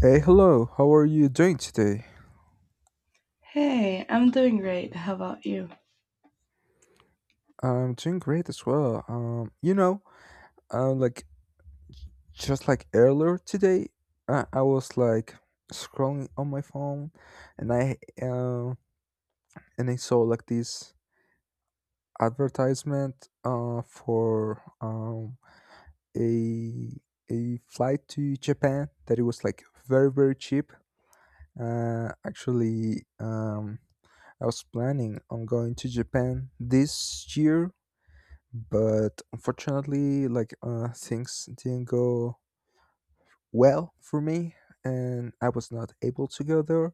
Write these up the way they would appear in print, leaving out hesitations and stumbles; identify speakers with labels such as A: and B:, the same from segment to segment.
A: Hey, hello. How are you doing today?
B: Hey, I'm doing great. How about you?
A: I'm doing great as well. Uh, like just like earlier today, I was like scrolling on my phone, and I saw like this advertisement for a a flight to Japan that it was like very very cheap. Actually, I was planning on going to Japan this year, but unfortunately like things didn't go well for me, and I was not able to go there.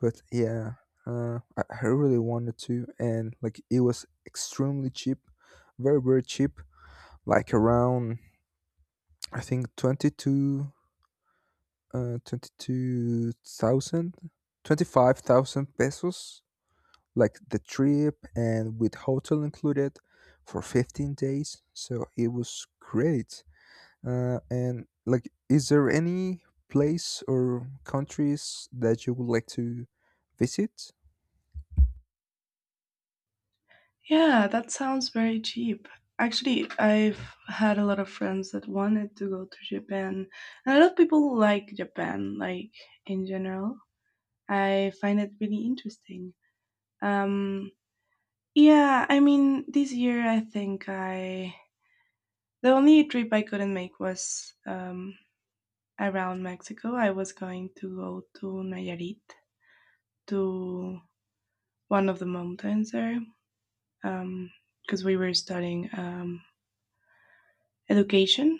A: But yeah, I really wanted to, and like it was extremely cheap, very very cheap, like around I think 22, 22,000, 25,000 pesos, like the trip and with hotel included for 15 days, so it was great. And like, is there any place or countries that you would like to visit?
B: Yeah, that sounds very cheap. Actually, I've had a lot of friends that wanted to go to Japan, and a lot of people like Japan, like in general. I find it really interesting. Um, yeah, I mean, this year I think I the only trip I couldn't make was around Mexico. I was going to go to Nayarit to one of the mountains there because we were studying education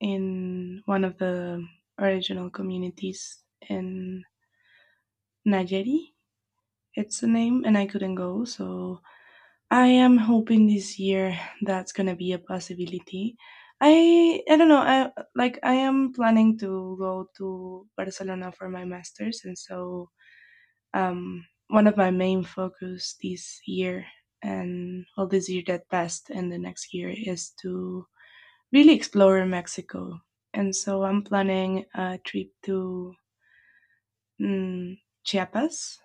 B: in one of the original communities in Najeri. It's the name, and I couldn't go. So I am hoping this year that's gonna be a possibility. I don't know. I like I am planning to go to Barcelona for my masters, and so one of my main focus this year and well this year that passed and the next year is to really explore Mexico. And so I'm planning a trip to Chiapas,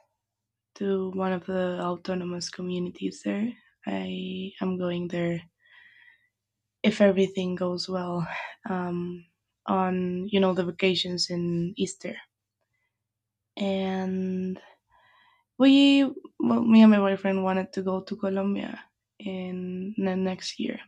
B: to one of the autonomous communities there. I am going there if everything goes well, um, on the vacations in Easter. And we, well, me and my boyfriend wanted to go to Colombia in the next year.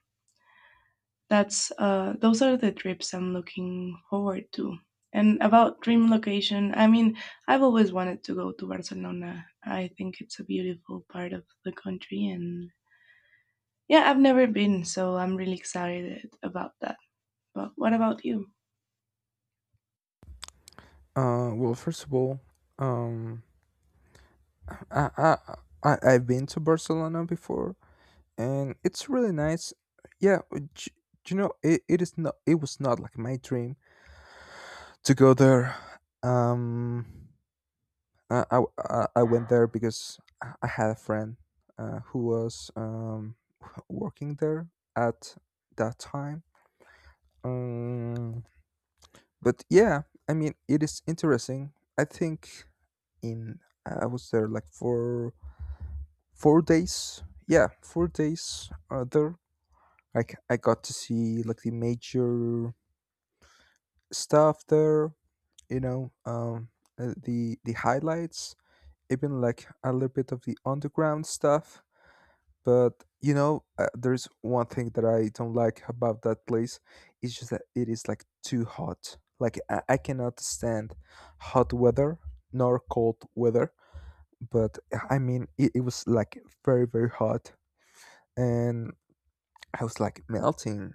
B: That's Those are the trips I'm looking forward to. And about dream location, I mean, I've always wanted to go to Barcelona. I think it's a beautiful part of the country, and yeah, I've never been, so I'm really excited about that. But what about you?
A: Well, first of all, um, I, I, I've been to Barcelona before, and it's really nice. Yeah, you know, it is not. It was not like my dream to go there. Um, I went there because I had a friend who was working there at that time. Um, but yeah, I mean, it is interesting. I think in I was there like for 4 days. Yeah, 4 days there. Like I got to see like the major stuff there. You know, the highlights, even like a little bit of the underground stuff. But you know, there's one thing that I don't like about that place. It's just that it is like too hot. Like I cannot stand hot weather nor cold weather. But I mean, it was like very very hot, and I was like melting.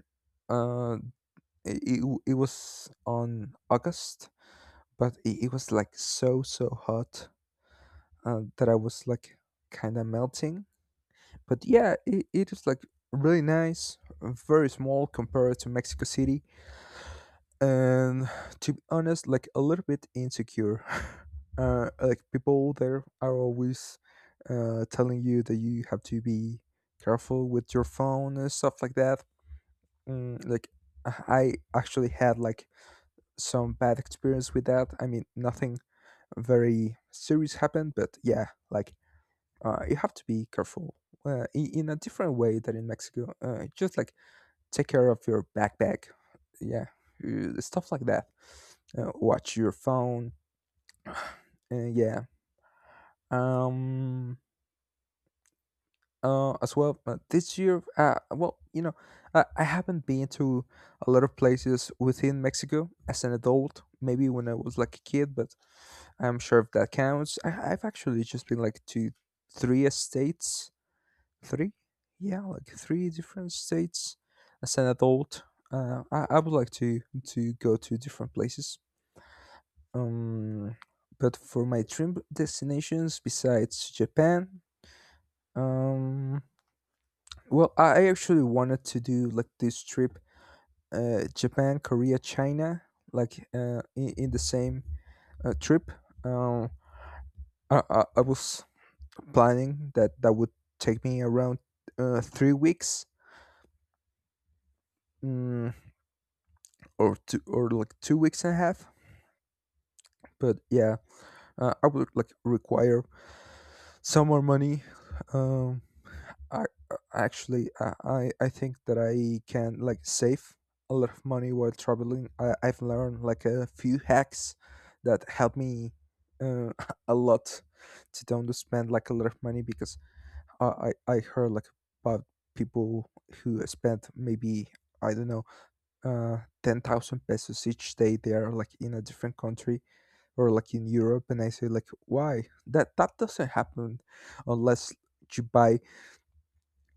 A: Uh, it was on August, but it was like so so hot that I was like kind of melting. But yeah, it is like really nice, very small compared to Mexico City, and to be honest, like a little bit insecure. Like people there are always telling you that you have to be careful with your phone and stuff like that. Like I actually had like some bad experience with that. I mean, nothing very serious happened, but yeah, like you have to be careful in a different way than in Mexico. Just like take care of your backpack, yeah, stuff like that. Watch your phone. uh, yeah. Um, as well, this year, well, you know, I haven't been to a lot of places within Mexico as an adult. Maybe when I was like a kid, but I'm sure if that counts. I've actually just been like to three states. Three? Yeah, like three different states. As an adult, I would like to go to different places. Um, but for my dream destinations, besides Japan, um, well, I actually wanted to do like this trip, Japan, Korea, China, like in the same trip. Um, I was planning that would take me around 3 weeks. Mm, or two or like 2 weeks and a half. But yeah, I would like require some more money. Um, I actually I think that I can like save a lot of money while traveling. I've learned like a few hacks that help me uh, a lot to don't spend like a lot of money, because I heard like about people who spent maybe I don't know 10,000 pesos each day they are like in a different country or like in Europe, and I say like why, that doesn't happen unless you buy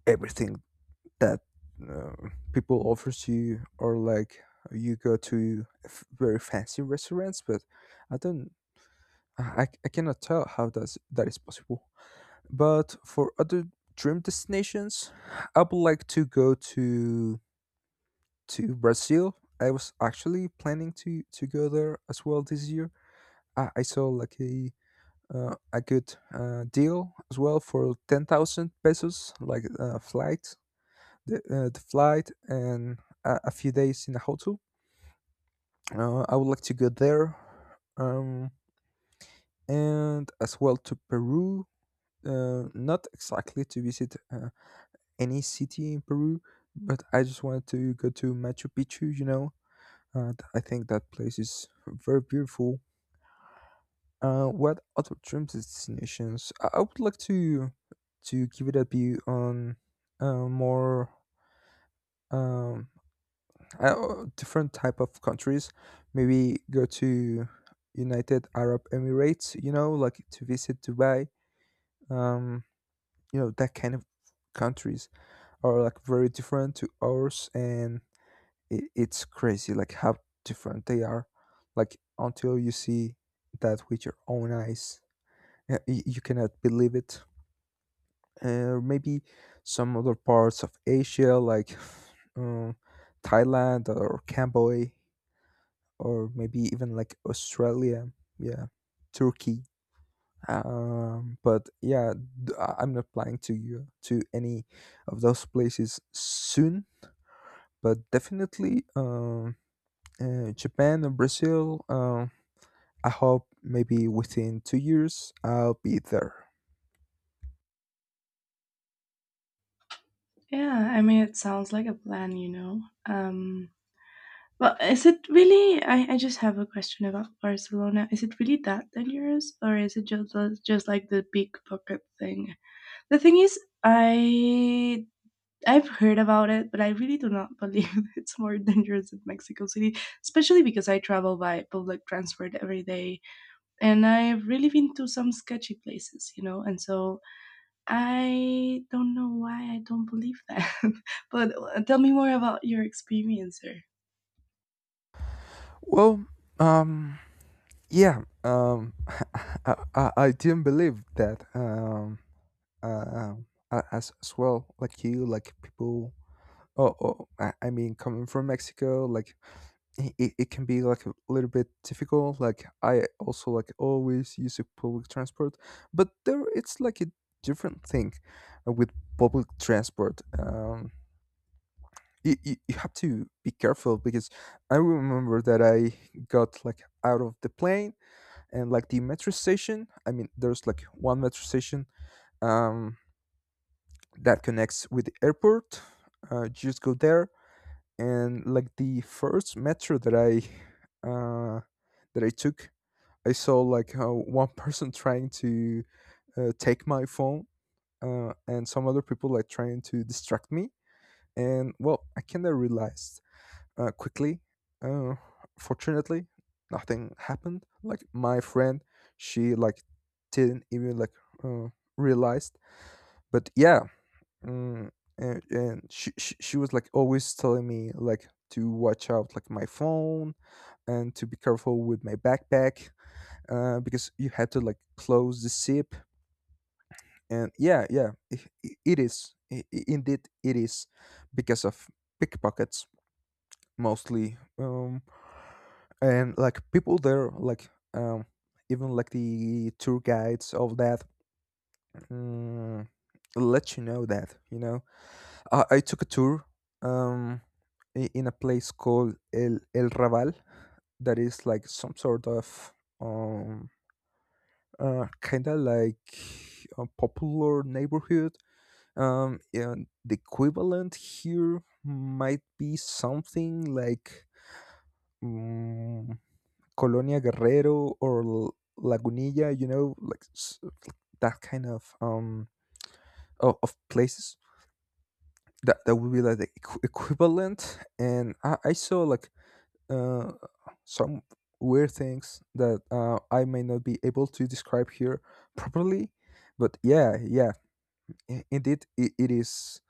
A: everything that uh, people offers you, or like you go to very fancy restaurants. But I don't, I cannot tell how that is possible. But for other dream destinations, I would like to go to Brazil. I was actually planning to go there as well this year. I saw like a a good deal as well for 10,000 pesos, like flight, the flight, and a few days in a hotel. I would like to go there, um, and as well to Peru. Not exactly to visit any city in Peru, but I just wanted to go to Machu Picchu. You know, and I think that place is very beautiful. What other dream destinations? I would like to give it a view on more um, different type of countries. Maybe go to United Arab Emirates. You know, like to visit Dubai. Um, you know that kind of countries are like very different to ours, and it's crazy like how different they are, like until you see that with your own eyes you cannot believe it. Maybe some other parts of asia like um, thailand or cambodia, or maybe even like australia, yeah, turkey. But yeah, I'm not planning to go to any of those places soon, but definitely Japan and Brazil. I hope maybe within 2 years I'll be there.
B: Yeah, I mean, it sounds like a plan, you know. Well, is it really? I just have a question about Barcelona. Is it really that dangerous, or is it just like the pickpocket thing? The thing is, I I've heard about it, but I really do not believe it's more dangerous than Mexico City, especially because I travel by public transport every day, and I've really been to some sketchy places, you know. And so I don't know why I don't believe that. but Tell me more about your experience there.
A: Well, um, yeah, I didn't believe that uh, as well, like you, like people. Oh, I mean, coming from Mexico, like it can be like a little bit difficult. Like I also like always use a public transport, but there it's like a different thing with public transport. You have to be careful because I remember that I got like out of the plane and like the metro station. I mean, there's like one metro station um, that connects with the airport. Just go there, and like the first metro that uh, I took, I saw like one person trying to take my phone, and some other people like trying to distract me. And well, I kind of realized quickly. Uh, fortunately, nothing happened. Like my friend, she like didn't even like uh, realized. But yeah, mm, and she was like always telling me like to watch out like my phone and to be careful with my backpack because you had to like close the zip. And yeah, yeah, I it is, indeed it is, because of pickpockets mostly. And like people there like um even like the tour guides of that, mm, let you know that. You know, I took a tour um in a place called el raval, that is like some sort of um kind of like a popular neighborhood, and the equivalent here might be something like, mm, Colonia Guerrero or Lagunilla, you know, like that kind of of places, that would be like the equivalent. And I saw like uh some weird things that I may not be able to describe here properly, but yeah, yeah, indeed it is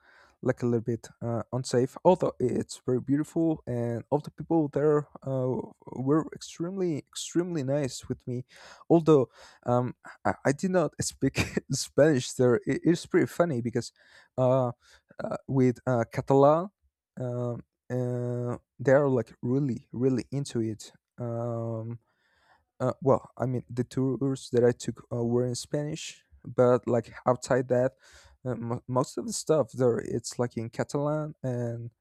A: like a little bit unsafe, although it's very beautiful, and all the people there were extremely extremely nice with me, although um, I did not speak spanish there. It's pretty funny because uh, with catalan, um, they are like really really into it. um, well, I mean, the tours that I took were in Spanish, but like outside that, mo most of the stuff there it's like in Catalan, and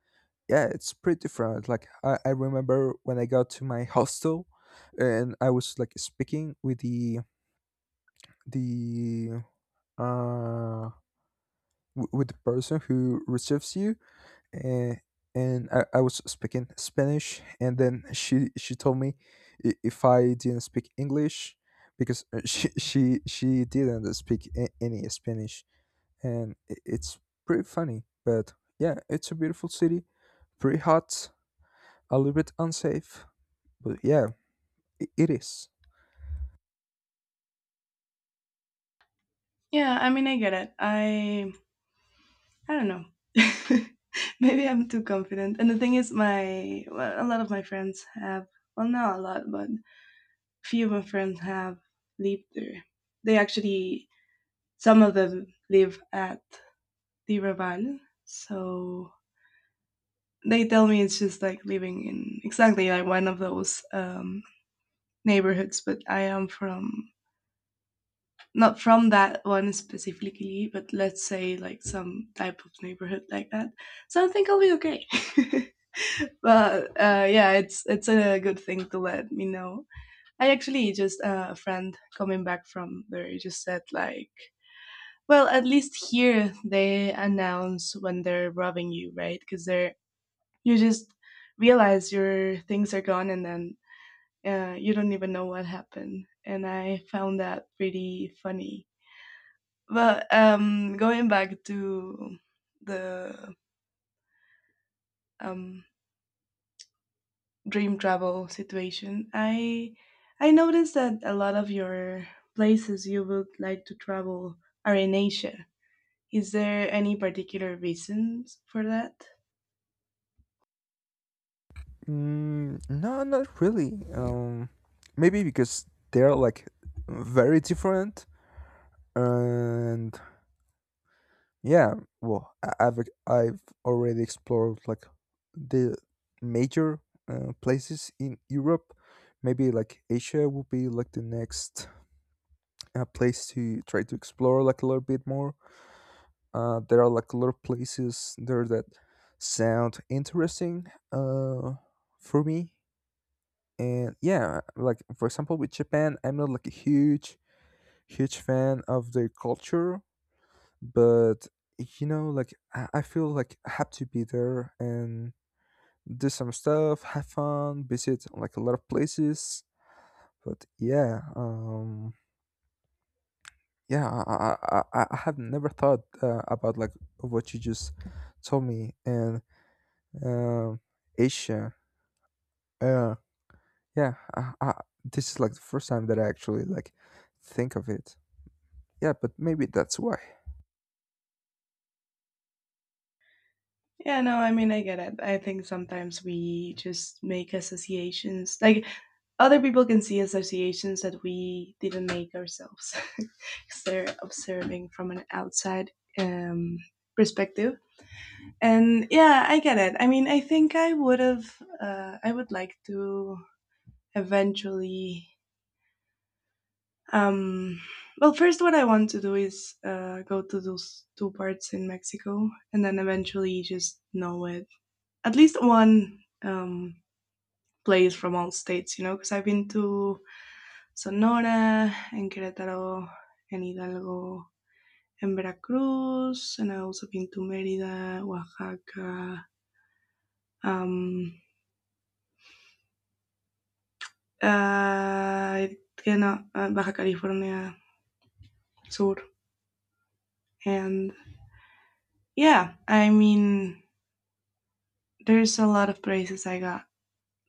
A: yeah, it's pretty different. Like I remember when I got to my hostel, and I was like speaking with the uh with the person who receives you, uh, and I was speaking Spanish, and then she told me if I didn't speak English, because she she didn't speak any Spanish, and it's pretty funny. But yeah, it's a beautiful city, pretty hot, a little bit unsafe, but yeah, I it is.
B: Yeah, I mean, I get it. I don't know. Maybe I'm too confident. And the thing is, my well, a lot of my friends have well, not a lot, but a few of my friends have lived there. They actually some of them live at the Raval, so they tell me it's just like living in exactly like one of those neighborhoods. But I am from not from that one specifically, but let's say like some type of neighborhood like that. So I think I'll be okay. but Yeah, it's a good thing to let me know. I actually just a friend coming back from there just said like, well, at least here they announce when they're robbing you, right? Because they're you just realize your things are gone and then you don't even know what happened. And I found that pretty funny. Well, going back to the um, dream travel situation, I noticed that a lot of your places you would like to travel are in Asia. Is there any particular reasons for that?
A: Mm, no, not really. Maybe because they're like very different. And yeah, well, I've already explored like the major places in Europe. Maybe like Asia would be like the next place to try to explore like a little bit more. There are like a lot of places there that sound interesting uh, for me. And yeah, like for example with Japan, I'm not like a huge fan of their culture, but you know like I feel like I have to be there and do some stuff, have fun, visit like a lot of places. But have never thought about like what you just told me. And um Asia. Yeah, yeah. I, I, this is like the first time that I actually like think of it. Yeah, but maybe that's why.
B: Yeah, no, I mean I get it. I think sometimes we just make associations. Like other people can see associations that we didn't make ourselves because they're observing from an outside um, perspective. And yeah, I get it. I mean, I think I would have, I would like to eventually. Um, well, first, what I want to do is go to those two parts in Mexico and then eventually just know it. At least one place from all states, you know, because I've been to Sonora and Querétaro and Hidalgo and Veracruz, and I've also been to Mérida, Oaxaca. Um, uh, you know, Baja California Sur. And yeah, I mean, there's a lot of places I got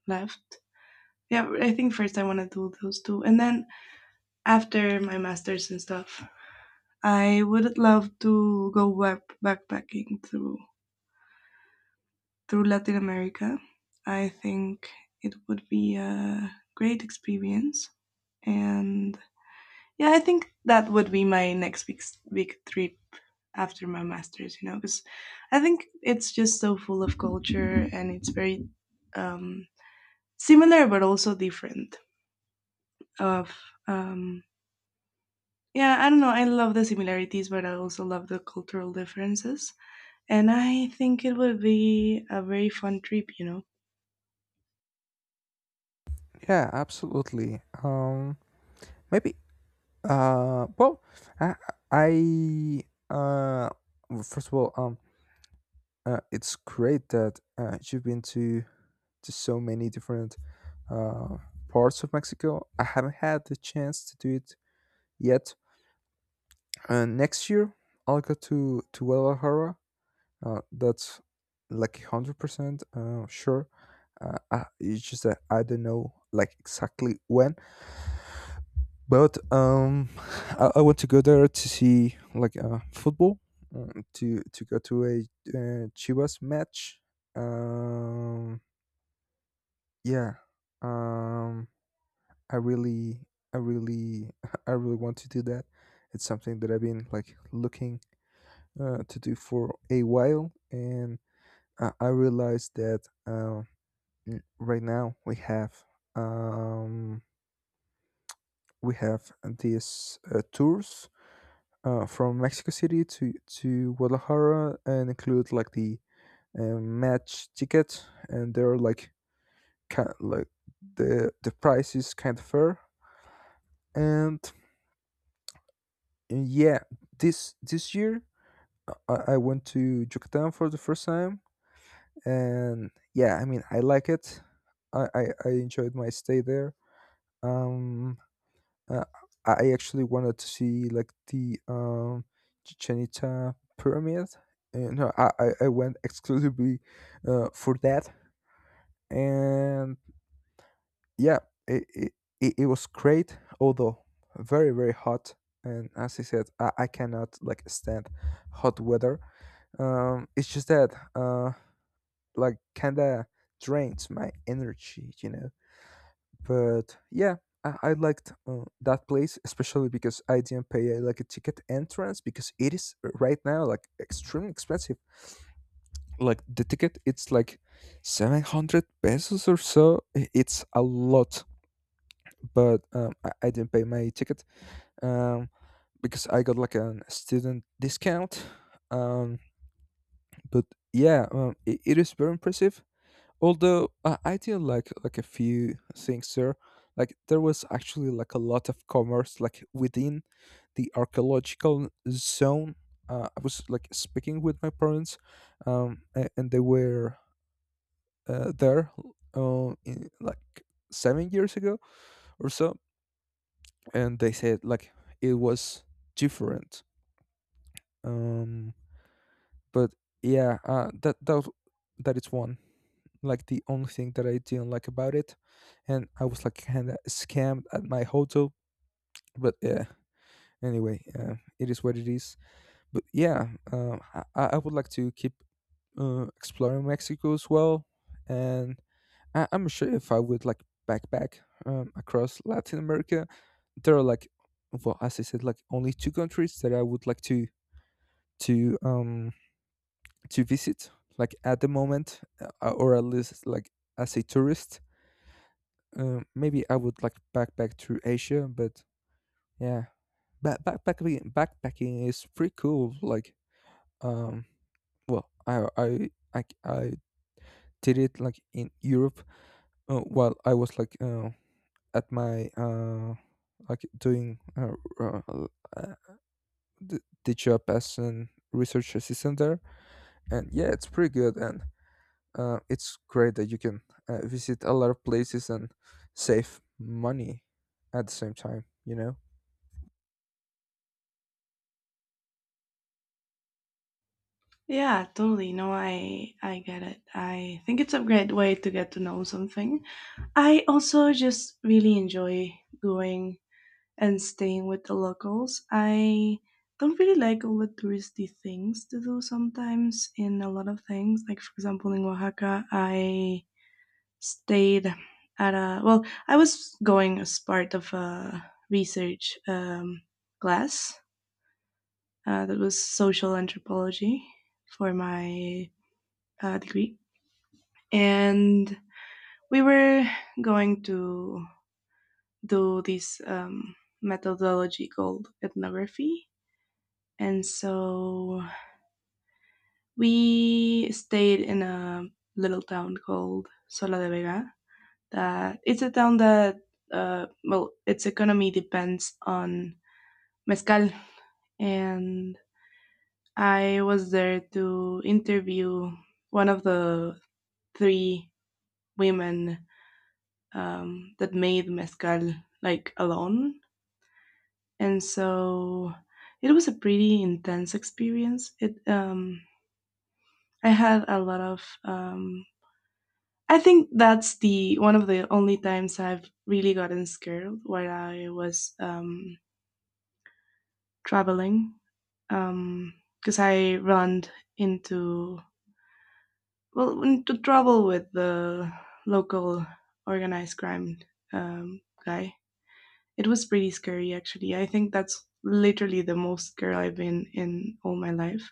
B: left. Yeah, I think first I want to do those two. And then after my master's and stuff, I would love to go backpacking through Latin America. I think it would be a great experience. And yeah, I think that would be my next week trip after my master's, you know, because I think it's just so full of culture and it's very um, similar but also different. Of um, yeah, I don't know. I love the similarities, but I also love the cultural differences, and I think it would be a very fun trip, you know.
A: Yeah, absolutely. Um maybe well, I, I uh, well, First of all, it's great that you've been to so many different uh parts of Mexico. I haven't had the chance to do it yet. Next year, I'll go to Guadalajara. That's like 100% sure. It's just that I don't know like exactly when. But I want to go there to see like football, to go to a Chivas match. Um, yeah. Um, I really, I really, I really want to do that. It's something that I've been like looking to do for a while, and I realized that right now um, we have these tours from Mexico City to Guadalajara and include like the match ticket, and they're like kind like the price is kind of fair. And yeah, this year uh, I went to Yucatan for the first time, and yeah, I mean I like it. I enjoyed my stay there. Um, Uh, I actually wanted to see like the Chichen Itza pyramid. No, I went exclusively for that, and yeah, it, it it was great, although very hot. And as I said, I cannot like stand hot weather. It's just that like kinda drains my energy, you know. But yeah, I liked that place, especially because I didn't pay like a ticket entrance because it is right now like extremely expensive. Like the ticket, it's like 700 pesos or so. I- It's a lot, but I didn't pay my ticket um, because I got like a student discount. Um, but yeah, it, it is very impressive, although I did like a few things there. Like there was actually like a lot of commerce like within the archaeological zone. I was like speaking with my parents, and they were there like 7 years ago or so, and they said like it was different. Um but yeah, that is one, like the only thing that I didn't like about it. And I was like kind of scammed at my hotel. But yeah, anyway, it is what it is. But yeah, I would like to keep exploring Mexico as well. And I, I'm sure if I would like backpack across Latin America, there are like, well, as I said, like only two countries that I would like to to um to visit like at the moment, or at least like as a tourist. Maybe I would like to backpack through Asia. But yeah, backpacking is pretty cool. Like, um, well, I I I did it like in Europe while I was like at my like doing uh, the job as an research assistant there. And yeah, it's pretty good, and it's great that you can visit a lot of places and save money at the same time. You know.
B: Yeah, totally. No, I get it. I think it's a great way to get to know something. I also just really enjoy going and staying with the locals. I don't really like all the touristy things to do sometimes in a lot of things. Like, for example, in Oaxaca, I stayed at a, well, I was going as part of a research class that was social anthropology for my degree. And we were going to do this methodology called ethnography. And so we stayed in a little town called Sola de Vega. That it's a town that, well, its economy depends on mezcal, and I was there to interview one of the three women that made mezcal like alone, and so it was a pretty intense experience. It I had a lot of I think that's the one of the only times I've really gotten scared while I was traveling, because I ran into well into trouble with the local organized crime guy. It was pretty scary, actually. I think that's literally the most scared I've been in all my life.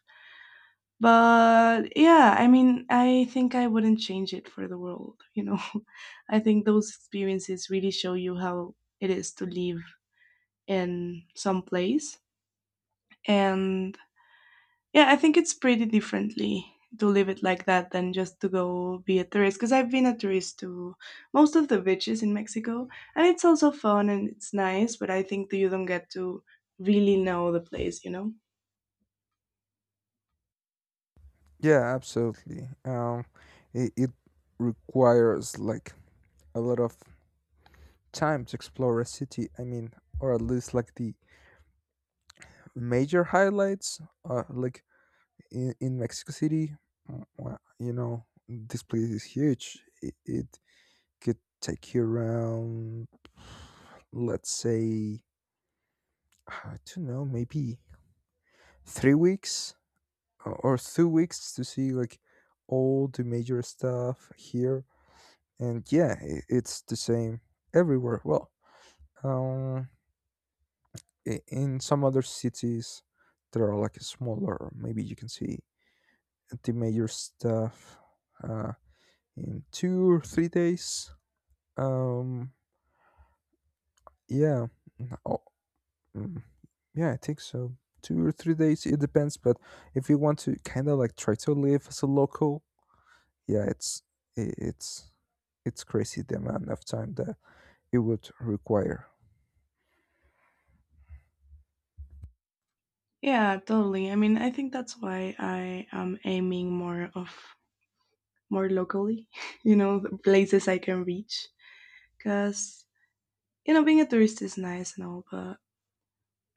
B: But yeah, I mean, I think I wouldn't change it for the world, you know. I think those experiences really show you how it is to live in some place. And yeah, I think it's pretty differently to live it like that than just to go be a tourist. Because I've been a tourist to most of the beaches in Mexico, and it's also fun and it's nice. But I think that you don't get to really know the place, you know.
A: Yeah, absolutely. It, it requires like a lot of time to explore a city. I mean, or at least like the major highlights. Like in Mexico City, mm, well, you know, this place is huge. It could take you around, let's say, I don't know, maybe 3 weeks or 2 weeks to see like all the major stuff here. And yeah, I- it's the same everywhere. Um, in some other cities that are like smaller, maybe you can see the major stuff uh, in 2 or 3 days. um, yeah n- oh, mm, yeah, I think so, 2 or 3 days, it depends. But if you want to kind of like try to live as a local, yeah, i- it's it's crazy the amount of time that it would require.
B: Yeah, totally. I mean, I think that's why I am aiming more of more locally, you know, the places I can reach. Because, you know, being a tourist is nice and all, but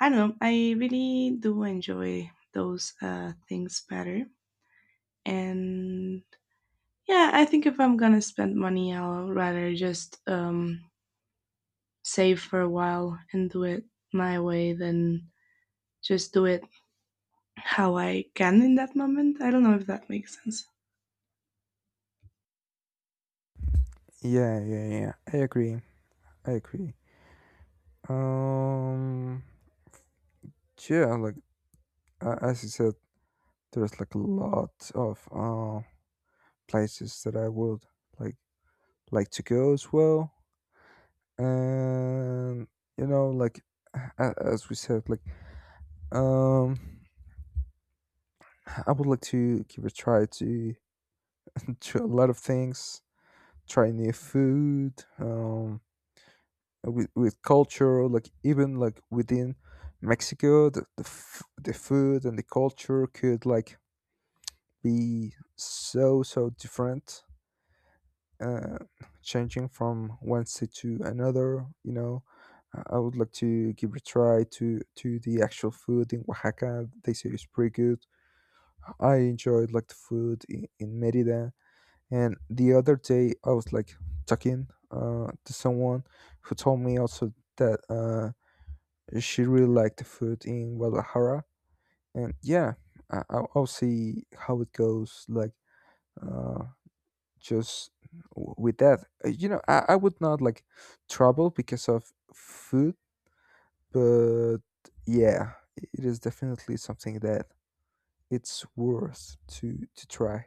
B: I don't know, I really do enjoy those things better. And yeah, I think if I'm gonna spend money, I'll rather just save for a while and do it my way than just do it how I can in that moment. I don't know if that makes sense.
A: Yeah I agree, I agree. Um, yeah, like as you said, there's like a lot of places that I would like like to go as well. And you know, like a- as we said, like um, I would like to give a try to to a lot of things, try new food, with culture, like even like within Mexico, the food and the culture could like be so different, uh, changing from one city to another, you know. I would like to give a try to the actual food in Oaxaca. They say it's pretty good. I enjoyed like the food in Merida. And the other day I was like talking to someone who told me also that she really liked the food in Guadalajara. And yeah, I'll see how it goes like, uh, just with that. You know, I would not like trouble because of food. But yeah, I- it is definitely something that it's worth to try.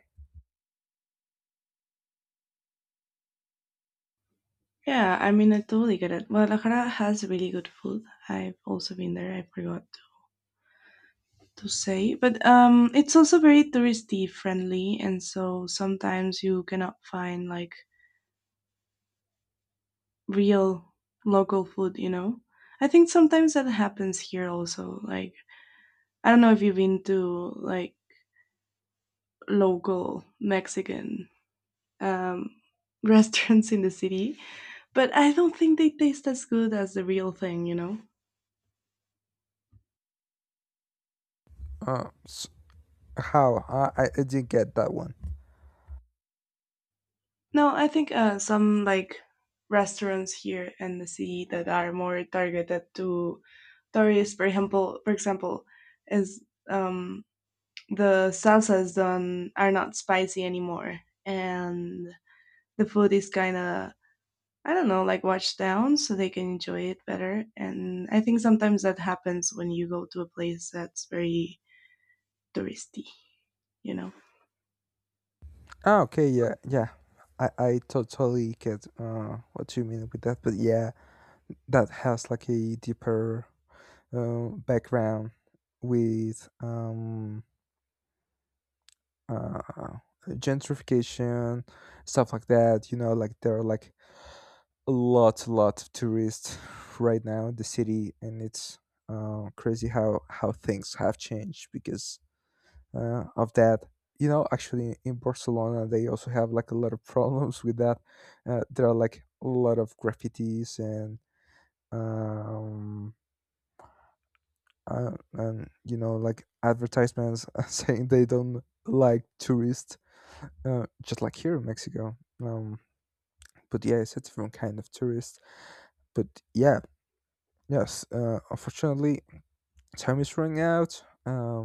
B: Yeah, I mean, I totally get it. Guadalajara has really good food. I've also been there, I forgot to say, but it's also very touristy friendly, and so sometimes you cannot find like real local food. You know, I think sometimes that happens here also. Like I don't know if you've been to like local Mexican um, restaurants in the city, but I don't think they taste as good as the real thing. You know?
A: Uh s how i i I didn't get that one.
B: No, I think some like restaurants here in the city that are more targeted to Torres, for example, is um, the salsas done are not spicy anymore, and the food is kind of I don't know, like washed down so they can enjoy it better. And I think sometimes that happens when you go to a place that's very touristy, you know.
A: Ah, okay, yeah, yeah, i totally get what you mean with that. But yeah, that has like a deeper background with uh, gentrification, stuff like that. You know, like there are like a lot of tourists right now in the city, and it's crazy how things have changed because of that. You know, actually in Barcelona they also have like a lot of problems with that. There are like a lot of graffitis um, and you know like advertisements saying they don't like tourists. Just like here in Mexico. But yeah, it's a different kind of tourist. But yeah, yes. Unfortunately, time is running out.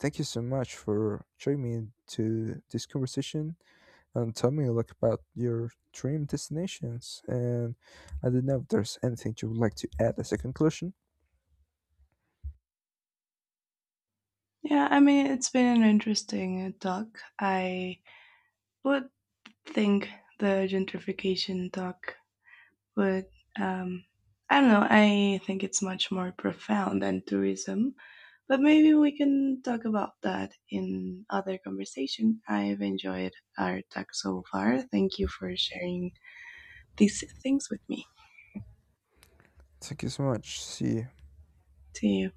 A: Thank you so much for joining me to this conversation and tell me like about your dream destinations. And I don't know if there's anything you would like to add as a conclusion.
B: Yeah, I mean it's been an interesting talk. I would think the gentrification talk. But um, I don't know. I think it's much more profound than tourism. But maybe we can talk about that in other conversation. I've enjoyed our talk so far. Thank you for sharing these things with me.
A: Thank you so much. See you.
B: See you.